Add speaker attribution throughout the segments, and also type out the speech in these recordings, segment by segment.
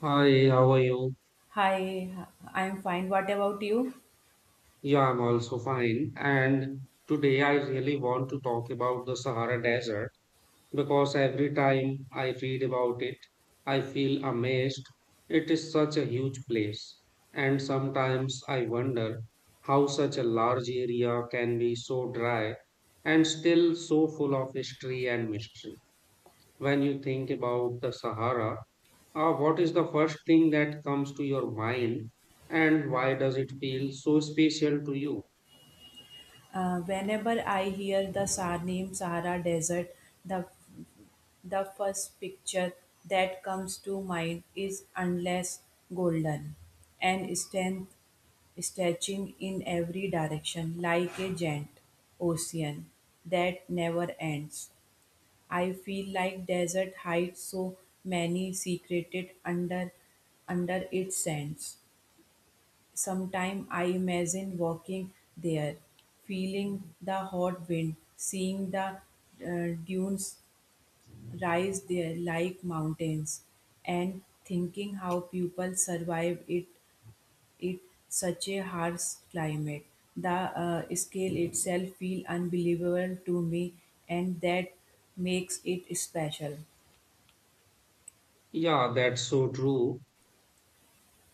Speaker 1: Hi, how are you?
Speaker 2: Hi, I'm fine. What about you?
Speaker 1: Yeah, I'm also fine. And today I really want to talk about the Sahara Desert because every time I read about it, I feel amazed. It is such a huge place. And sometimes I wonder how such a large area can be so dry and still so full of history and mystery. When you think about the Sahara, what is the first thing that comes to your mind and why does it feel so special to you?
Speaker 2: Whenever I hear the name Sahara Desert, the the first picture that comes to mind is endless golden and strength stretching in every direction like a giant ocean that never ends. I feel like desert hides so many secreted under its sands. Sometimes I imagine walking there, feeling the hot wind, seeing the dunes rise there like mountains, and thinking how people survive it such a harsh climate. The scale itself feel unbelievable to me, and that makes it special.
Speaker 1: Yeah, that's so true.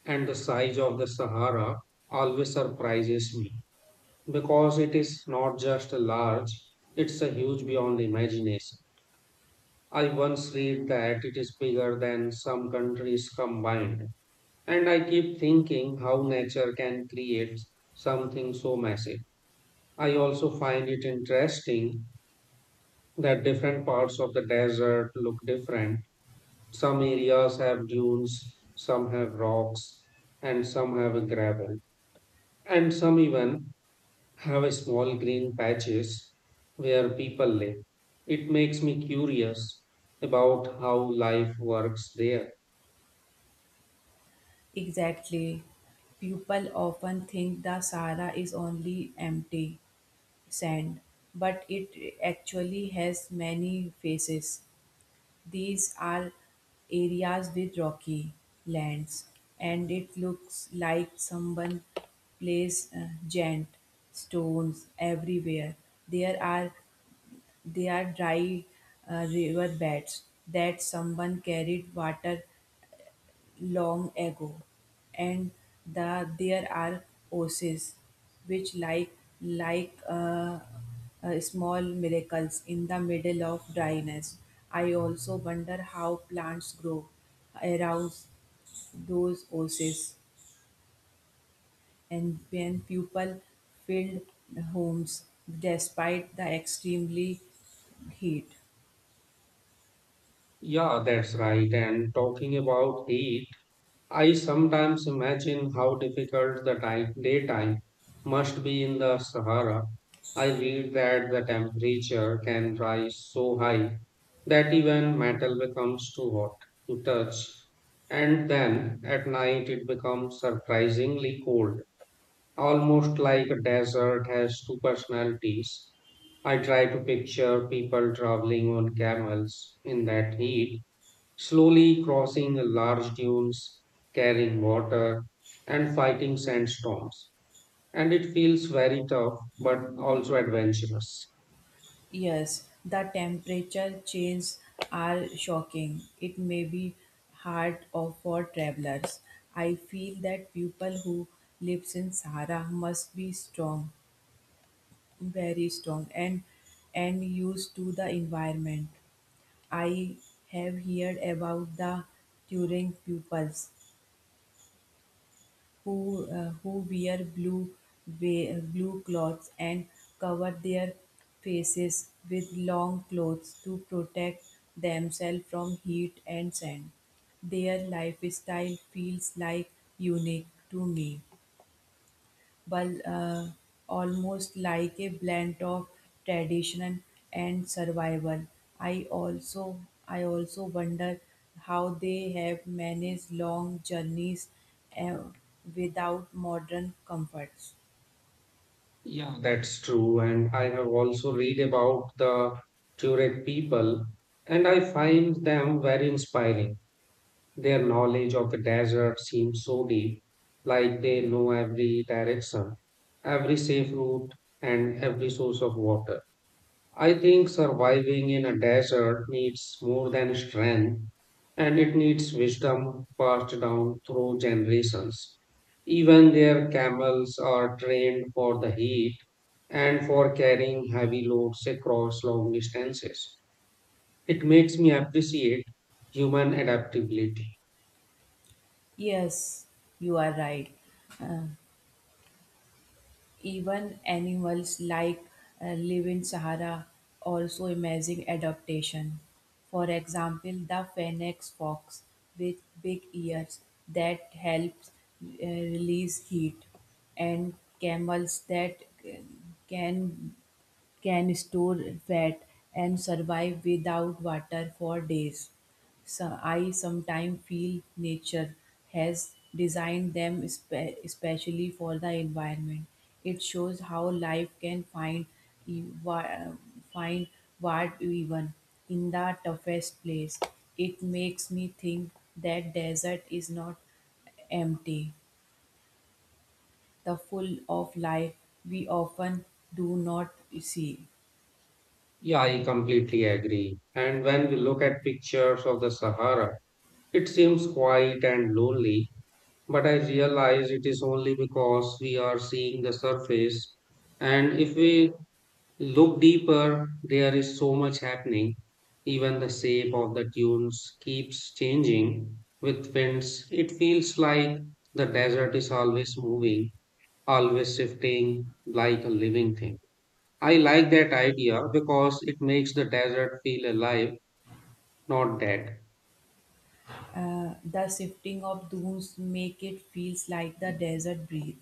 Speaker 1: And the size of the Sahara always surprises me because it is not just large, it's a huge beyond imagination. I once read that it is bigger than some countries combined. And I keep thinking how nature can create something so massive. I also find it interesting that different parts of the desert look different. Some areas have dunes, some have rocks, and some have gravel. And some even have small green patches where people live. It makes me curious about how life works there.
Speaker 2: Exactly. People often think the Sahara is only empty sand, but it actually has many faces. These are areas with rocky lands, and it looks like someone placed giant stones everywhere. There are they are dry river beds that someone carried water long ago, and there are oases which like small miracles in the middle of dryness. I also wonder how plants grow around those oases, and when people filled homes despite the extremely heat.
Speaker 1: Yeah, that's right. And talking about heat, I sometimes imagine how difficult the time, daytime must be in the Sahara. I read that the temperature can rise so high that even metal becomes too hot to touch. And then at night it becomes surprisingly cold, almost like a desert has two personalities. I try to picture people traveling on camels in that heat slowly crossing large dunes, carrying water, and fighting sandstorms. And it feels very tough, but also adventurous.
Speaker 2: Yes, the temperature changes are shocking. It may be hard for travelers. I feel that people who lives in Sahara must be strong, very strong, and used to the environment. I have heard about the Turing pupils, who wear blue clothes and cover their faces with long clothes to protect themselves from heat and sand. Their lifestyle feels like unique to me, but almost like a blend of tradition and survival. I also I also wonder how they have managed long journeys uh, without modern comforts.
Speaker 1: Yeah, that's true. And I have also read about the Tuareg people, and I find them very inspiring. Their knowledge of the desert seems so deep, like they know every direction, every safe route, and every source of water. I think surviving in a desert needs more than strength and it needs wisdom passed down through generations. Even their camels are trained for the heat and for carrying heavy loads across long distances. It makes me appreciate human adaptability.
Speaker 2: Yes, you are right. Uh, Even animals like live in Sahara also amazing adaptation. For example, the phoenix fox with big ears that helps release heat, and camels that uh, can can store fat and survive without water for days. So I sometimes feel nature has designed them especially for the environment. It shows how life can find e- wa- find what even in the toughest place. It makes me think that desert is not empty, the full of life we often do not see.
Speaker 1: Yeah, I completely agree. And when we look at pictures of the Sahara, it seems quiet and lonely, but I realize it is only because we are seeing the surface. And if we look deeper, there is so much happening. Even the shape of the dunes keeps changing with winds. It feels like the desert is always moving, always shifting like a living thing. I like that idea because it makes the desert feel alive, not dead.
Speaker 2: The shifting of dunes make it feels like the desert breathe.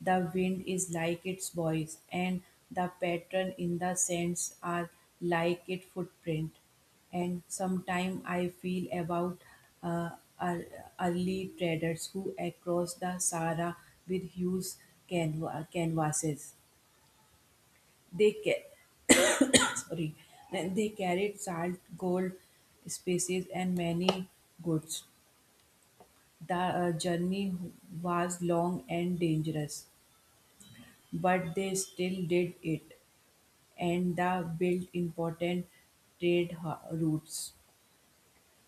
Speaker 2: The wind is like its voice, and the pattern in the sands are like its footprint. And sometimes I feel about uh, ear- early traders who across the Sahara with huge canvases. They ca- sorry, they carried salt, gold, spices, and many goods. The journey was long and dangerous, but they still did it, and the built important trade routes.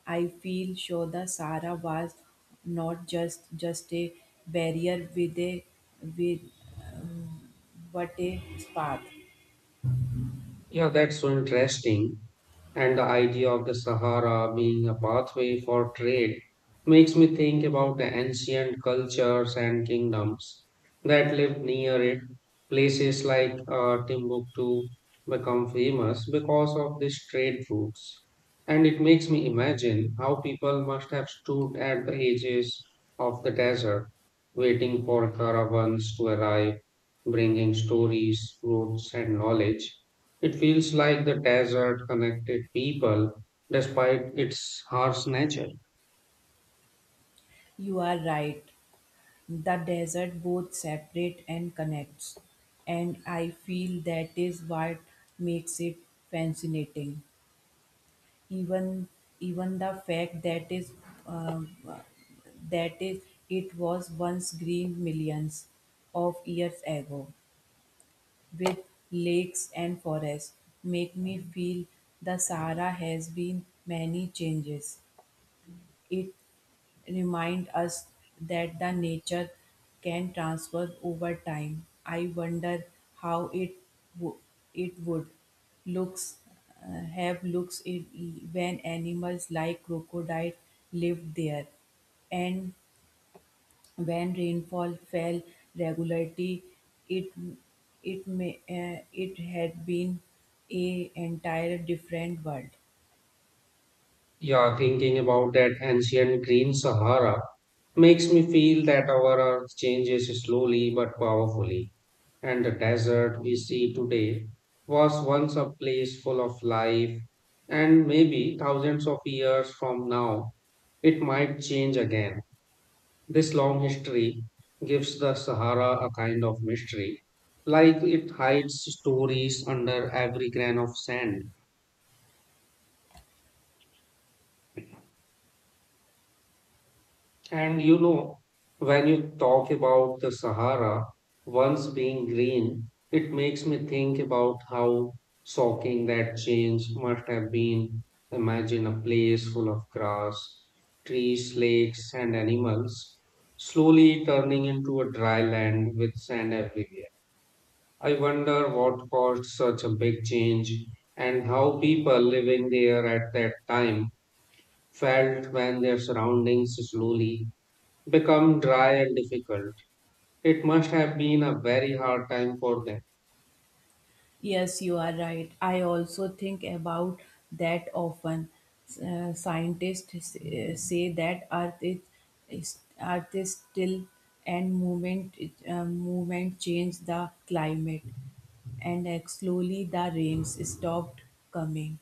Speaker 2: I feel sure the Sahara was not just a barrier with a with but a path.
Speaker 1: Yeah, that's so interesting. And the idea of the Sahara being a pathway for trade makes me think about the ancient cultures and kingdoms that lived near it. Places like Timbuktu become famous because of these trade routes. And it makes me imagine how people must have stood at the edges of the desert, waiting for caravans to arrive, bringing stories, fruits, and knowledge. It feels like the desert connected people despite its harsh nature.
Speaker 2: You are right. The desert both separate and connects, and I feel that is what makes it fascinating. even even the fact uh, that is it was once green millions of years ago with lakes and forests make me feel the sahara has been many changes. It remind us that the nature can transfer over time. I wonder how wo- it would looks have looks it when animals like crocodile lived there, and when rainfall fell regularly, it it had been a entire different world.
Speaker 1: Yeah, thinking about that ancient green Sahara makes me feel that our earth changes slowly but powerfully. And the desert we see today was once a place full of life, and maybe thousands of years from now, it might change again. This long history gives the Sahara a kind of mystery, like it hides stories under every grain of sand. And you know, when you talk about the Sahara once being green, it makes me think about how shocking that change must have been. Imagine a place full of grass, trees, lakes, and animals, slowly turning into a dry land with sand everywhere. I wonder what caused such a big change and how people living there at that time felt when their surroundings slowly become dry and difficult. It must have been a very hard time for them.
Speaker 2: Yes, you are right. I also think about that often. Scientists say that Earth is still and movement changed the climate, and slowly the rains stopped coming.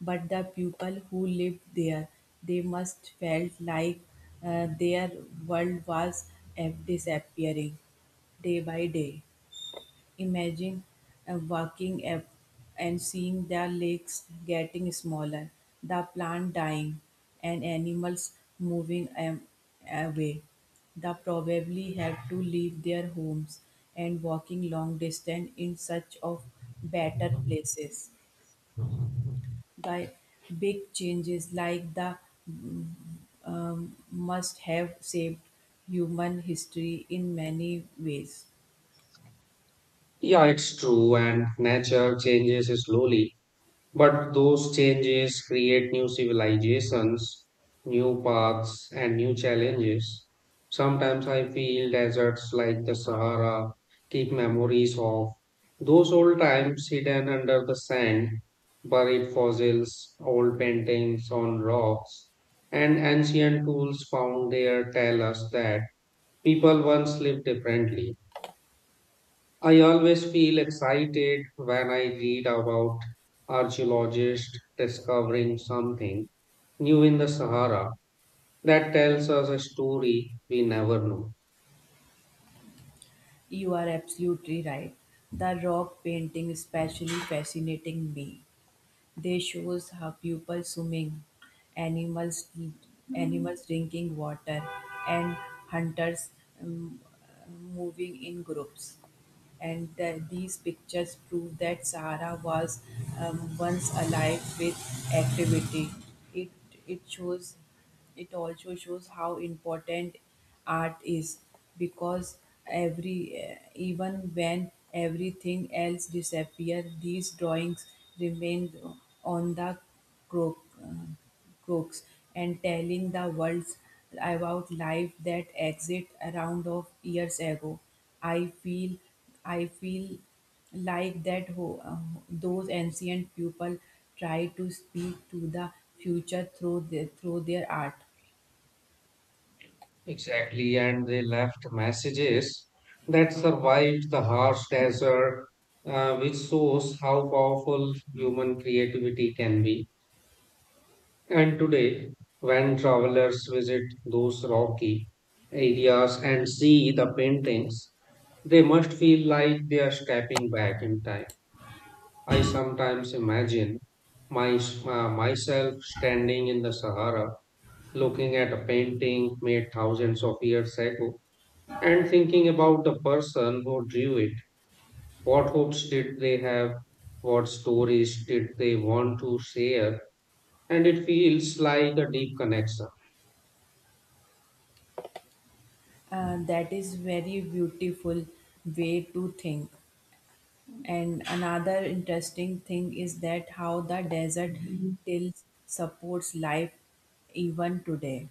Speaker 2: But the people who lived there, they must felt like their world was disappearing day by day. Imagine walking up and seeing the lakes getting smaller, the plant dying, and animals moving away. They probably have to leave their homes and walking long distance in search of better places. The big changes like the must have saved human history in many ways.
Speaker 1: Yeah, it's true, and nature changes slowly, but those changes create new civilizations, new paths, and new challenges. Sometimes I feel deserts like the Sahara keep memories of those old times hidden under the sand, buried fossils, old paintings on rocks, and ancient tools found there tell us that people once lived differently. I always feel excited when I read about archaeologists discovering something new in the Sahara that tells us a story we never knew.
Speaker 2: You are absolutely right. The rock painting especially fascinating me. They shows how people swimming, animals animals drinking water, and hunters um, moving in groups, and these pictures prove that Sahara was once alive with activity. It it shows it also shows how important art is because even when everything else disappears, these drawings remain on the crook, uh, crooks and telling the world about life that existed around of years ago. I feel I feel like those ancient people try to speak to the future through their art.
Speaker 1: Exactly, and they left messages that survived the harsh desert, which shows how powerful human creativity can be. And today, when travelers visit those rocky areas and see the paintings, they must feel like they are stepping back in time. I sometimes imagine my, myself standing in the Sahara, looking at a painting made thousands of years ago, and thinking about the person who drew it. What hopes did they have? What stories did they want to share? And it feels like a deep connection.
Speaker 2: That is very beautiful way to think. And another interesting thing is that how the desert still supports life even today.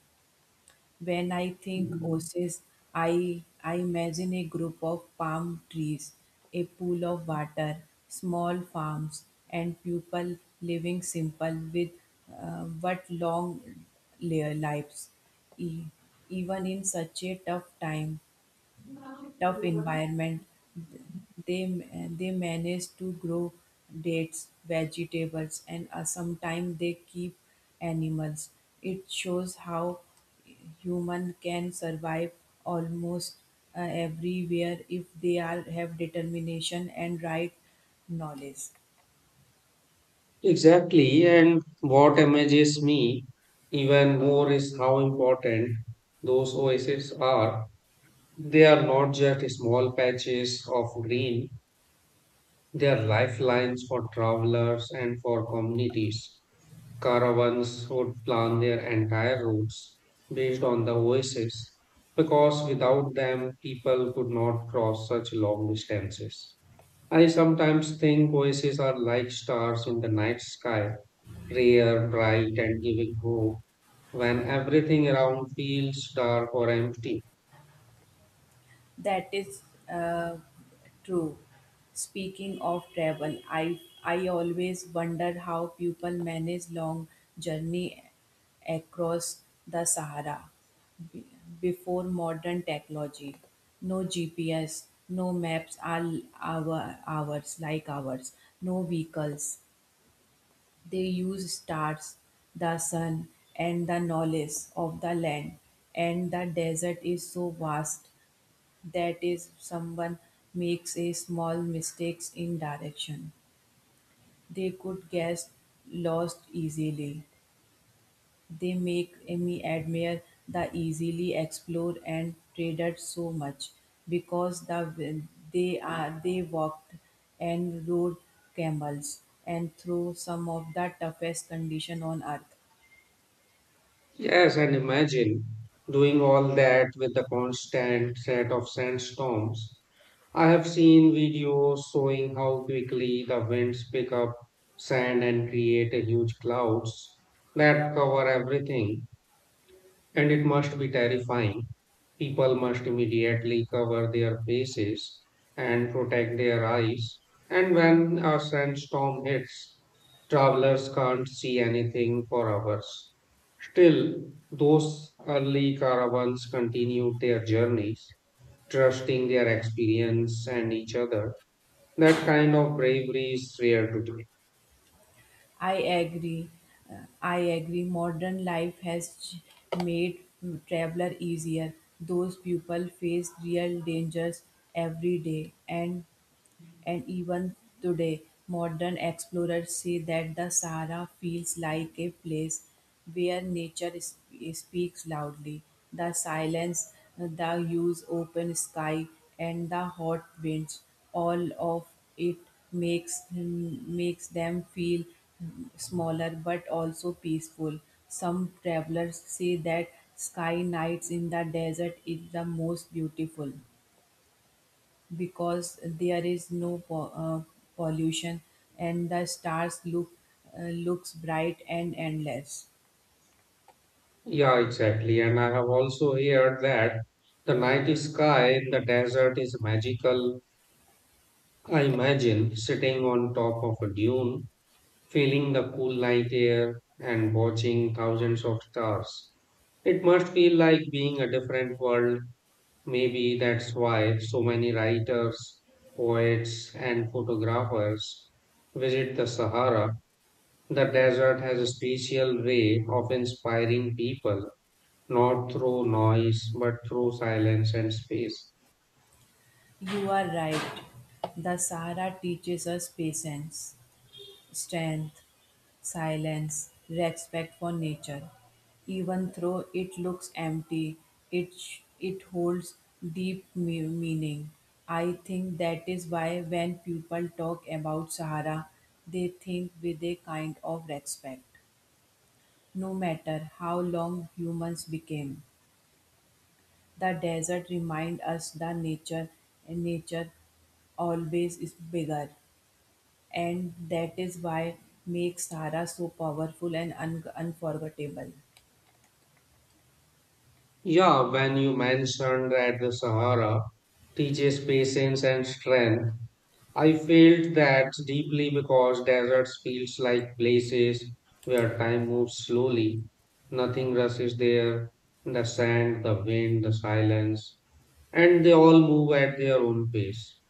Speaker 2: When I think oasis, I imagine a group of palm trees, a pool of water, small farms, and people living simple with but long lives. E- even in such a tough environment, they they manage to grow dates, vegetables, and sometimes they keep animals. It shows how human can survive almost everywhere if they are have determination and right knowledge.
Speaker 1: Exactly, and what amazes me even more is how important those oases are. They are not just small patches of green, they are lifelines for travelers and for communities. Caravans would plan their entire routes based on the oases because without them, people could not cross such long distances. I sometimes think oases are like stars in the night sky, rare, bright, and giving hope when everything around feels dark or empty.
Speaker 2: That is, Uh, true. Speaking of travel, I always wonder how people manage long journey across the Sahara be- before modern technology. No GPS, no maps. All our hours like ours, no vehicles. They use stars, the sun, and the knowledge of the land, and the desert is so vast that is someone makes a small mistakes in direction, they could get lost easily. They make me admire the easily explore and traded so much because they walked and rode camels and through some of the toughest condition on earth.
Speaker 1: Yes, and imagine doing all that with the constant threat of sandstorms. I have seen videos showing how quickly the winds pick up sand and create a huge clouds that cover everything. And it must be terrifying. People must immediately cover their faces and protect their eyes. And when a sandstorm hits, travelers can't see anything for hours. Still, those early caravans continued their journeys, trusting their experience and each other. That kind of bravery is rare today.
Speaker 2: I agree. Modern life has made traveler easier. Those people face real dangers every day, and even today, modern explorers say that the Sahara feels like a place where nature speaks loudly. The silence, the huge open sky, and the hot winds, all of it makes them feel smaller but also peaceful. Some travelers say that sky nights in the desert is the most beautiful because there is no pollution, and the stars look looks bright and endless.
Speaker 1: Yeah, exactly. And I have also heard that the night sky in the desert is magical. I imagine sitting on top of a dune, feeling the cool night air, and watching thousands of stars. It must feel like being a different world. Maybe that's why so many writers, poets, and photographers visit the Sahara. The desert has a special way of inspiring people, not through noise, but through silence and space.
Speaker 2: You are right, the Sahara teaches us patience, strength, silence, respect for nature. Even though it looks empty, it holds deep meaning. I think that is why when people talk about Sahara, they think with a kind of respect. No matter how long humans became, the desert remind us that nature always is bigger, and that is why makes Sahara so powerful and unforgettable.
Speaker 1: Yeah, when you mentioned that the Sahara teaches patience and strength, I felt that deeply because deserts feels like places where time moves slowly. Nothing rushes there, the sand, the wind, the silence, and they all move at their own pace.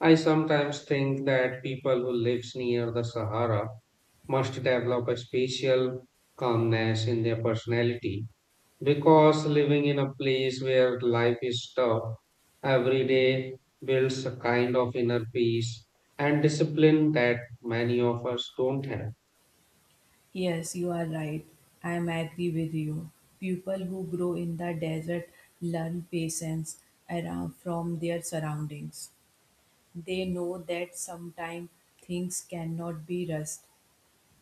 Speaker 1: I sometimes think that people who live near the Sahara must develop a special calmness in their personality because living in a place where life is tough every day builds a kind of inner peace and discipline that many of us don't have.
Speaker 2: Yes, you are right. I am agree with you. People who grow in the desert learn patience around from their surroundings. They know that sometimes things cannot be rushed,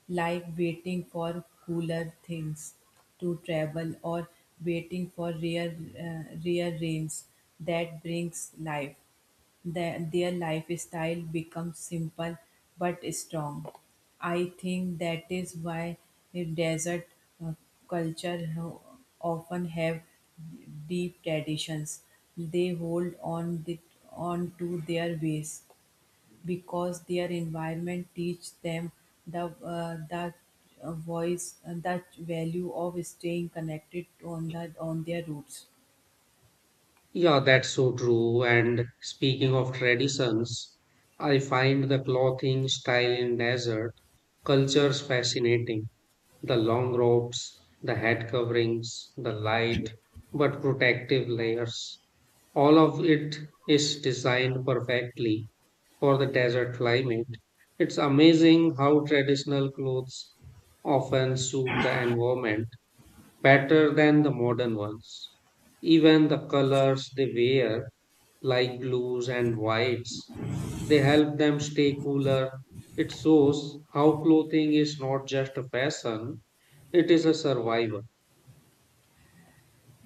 Speaker 2: like waiting for cooler things to travel, or waiting for rare rains that brings life. Their lifestyle becomes simple but strong. I think that is why the desert uh, culture often have deep traditions. They hold on to their ways because their environment teach them the uh, the the value of staying connected on their roots.
Speaker 1: Yeah, that's so true. And speaking of traditions, I find the clothing style in desert cultures fascinating. The long robes, the head coverings, the light but protective layers. All of it is designed perfectly for the desert climate. It's amazing how traditional clothes often suit the environment better than the modern ones. Even the colors they wear, like blues and whites, they help them stay cooler. It shows how clothing is not just a fashion, it is a survival.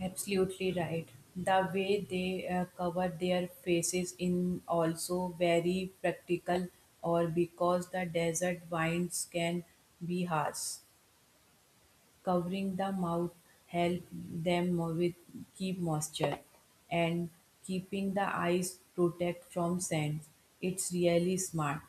Speaker 2: Absolutely right. The way they cover their faces in also very practical, or because the desert winds can be harsh. Covering the mouth help them with keep moisture and keeping the eyes protect from sand. It's really smart.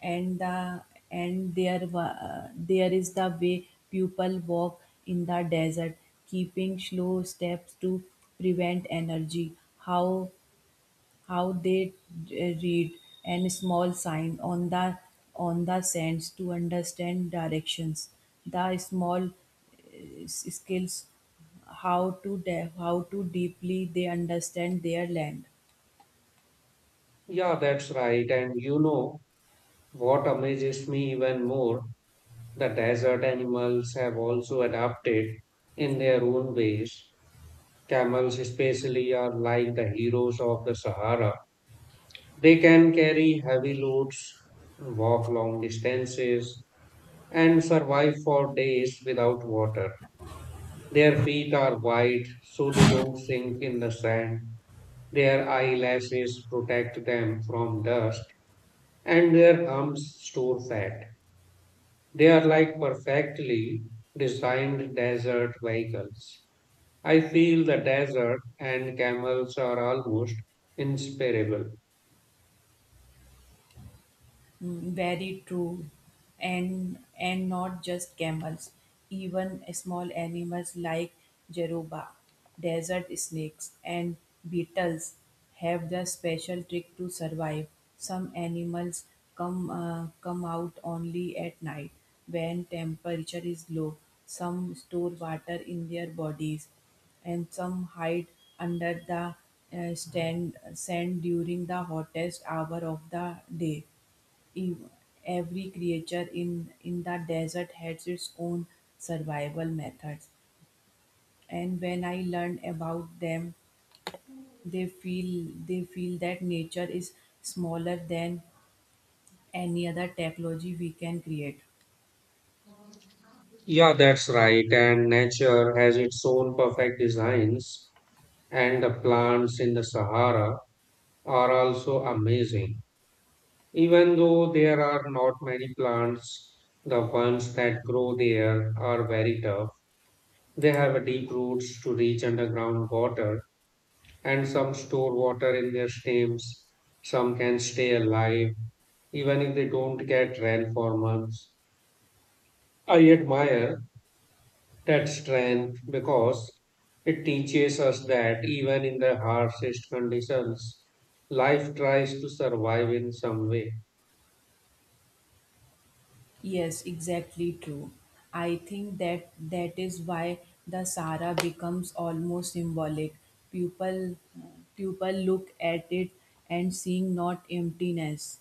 Speaker 2: And the and there is the way people walk in the desert, keeping slow steps to prevent energy. How they read and small sign on the sands to understand directions, the small skills, how to deeply they understand their land.
Speaker 1: Yeah, that's right. And you know what amazes me even more? The desert animals have also adapted in their own ways. Camels, especially, are like the heroes of the Sahara. They can carry heavy loads, walk long distances, and survive for days without water. Their feet are wide so they don't sink in the sand. Their eyelashes protect them from dust, and their humps store fat. They are like perfectly designed desert vehicles. I feel the desert and camels are almost inseparable.
Speaker 2: Mm, very true. And not just camels, even small animals like jeruba, desert snakes, and beetles have the special trick to survive. Some animals come out only at night when temperature is low. Some store water in their bodies, and some hide under the sand during the hottest hour of the day. Ev- Every creature in the desert has its own survival methods, and when I learn about them, they feel that nature is smaller than any other technology we can create.
Speaker 1: Yeah, that's right. And nature has its own perfect designs, and the plants in the Sahara are also amazing. Even though there are not many plants, the ones that grow there are very tough. They have deep roots to reach underground water, and some store water in their stems. Some can stay alive even if they don't get rain for months. I admire that strength because it teaches us that even in the harshest conditions, life tries to survive in some way.
Speaker 2: Yes, exactly true. I think that is why the Sahara becomes almost symbolic. People, people look at it and seeing not emptiness,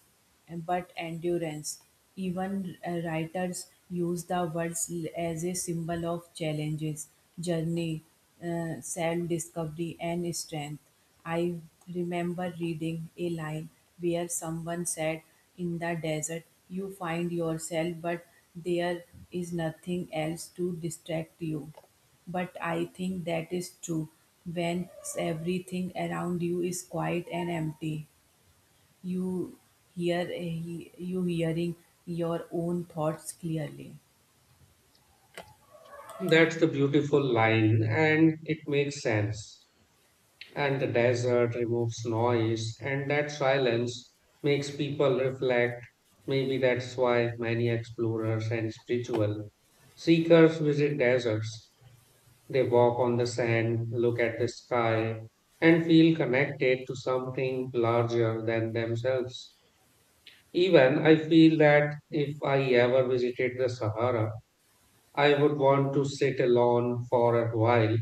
Speaker 2: but endurance. Even writers use the words as a symbol of challenges, journey, self-discovery, and strength. I remember reading a line where someone said, "In the desert, you find yourself, but there is nothing else to distract you." But I think that is true. When everything around you is quiet and empty, you you hearing your own thoughts clearly.
Speaker 1: That's the beautiful line, and it makes sense. And the desert removes noise, and that silence makes people reflect. Maybe that's why many explorers and spiritual seekers visit deserts. They walk on the sand, look at the sky, and feel connected to something larger than themselves. Even I feel that if I ever visited the Sahara, I would want to sit alone for a while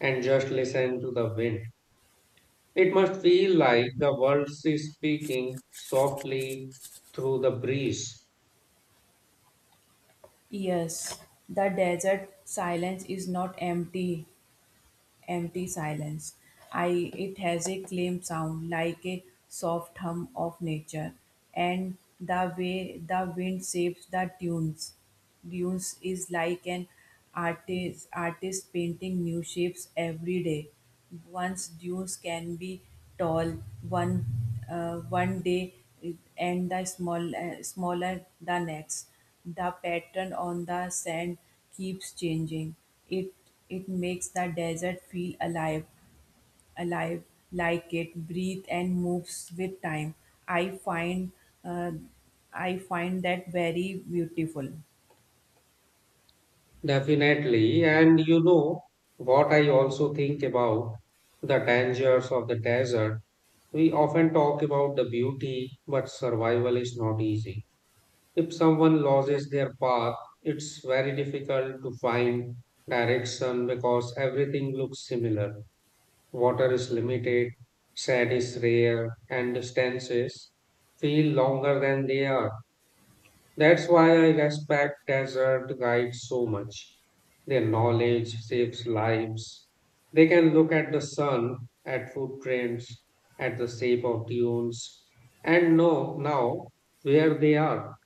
Speaker 1: and just listen to the wind. It must feel like the world is speaking softly through the breeze.
Speaker 2: Yes, the desert silence is not empty, empty silence. It has a claim sound like a soft hum of nature, and the way the wind shapes the tunes. Dunes is like an artist painting new shapes every day. Once dunes can be tall, one one day, and the small smaller the next. The pattern on the sand keeps changing. It it makes the desert feel alive, alive, like it breathes and moves with time. I find uh, I find that very beautiful.
Speaker 1: Definitely. And you know what I also think about the dangers of the desert. We often talk about the beauty, but survival is not easy. If someone loses their path, it's very difficult to find direction because everything looks similar. Water is limited, sand is rare, and distances feel longer than they are. That's why I respect desert guides so much. Their knowledge saves lives. They can look at the sun, at footprints, at the shape of dunes, and know now where they are.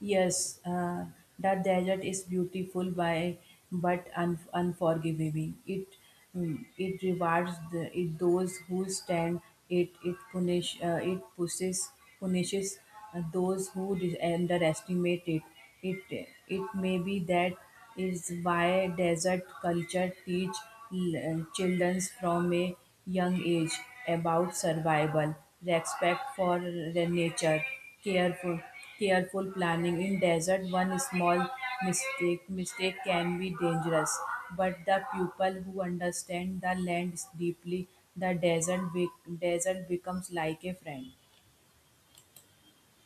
Speaker 2: Yes, that desert is beautiful by but unforgiving. It it rewards the, it those who stand it it punish it pushes punishes those who underestimate it. It it may be that is why desert culture teach children from a young age about survival, respect for the nature, careful careful planning. In desert, one small mistake can be dangerous, but the people who understand the land deeply, the desert be- desert becomes like a friend.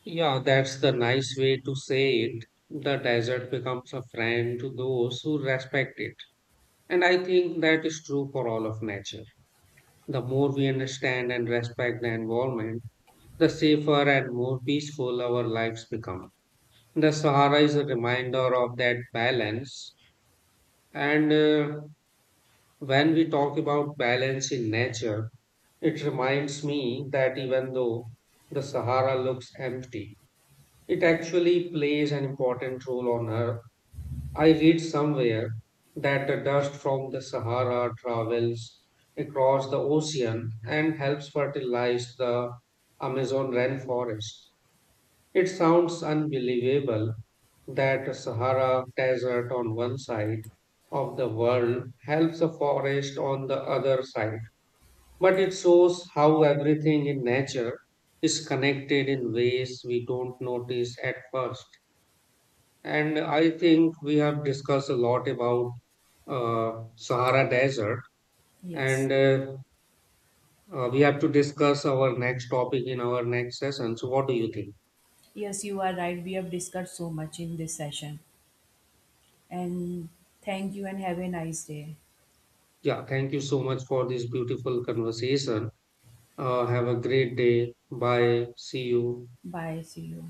Speaker 1: Yeah, that's the nice way to say it. The desert becomes a friend to those who respect it. And I think that is true for all of nature. The more we understand and respect the environment, the safer and more peaceful our lives become. The Sahara is a reminder of that balance. And when we talk about balance in nature, it reminds me that even though the Sahara looks empty, it actually plays an important role on Earth. I read somewhere that the dust from the Sahara travels across the ocean and helps fertilize the Amazon rainforest. It sounds unbelievable that Sahara Desert on one side of the world helps a forest on the other side. But it shows how everything in nature is connected in ways we don't notice at first. And I think we have discussed a lot about Sahara Desert,
Speaker 2: Yes.
Speaker 1: and we have to discuss our next topic in our next session. So, what do you think?
Speaker 2: Yes, you are right. We have discussed so much in this session. And thank you and have a nice day.
Speaker 1: Yeah, thank you so much for this beautiful conversation. Have a great day. Bye. See you.
Speaker 2: Bye. See you.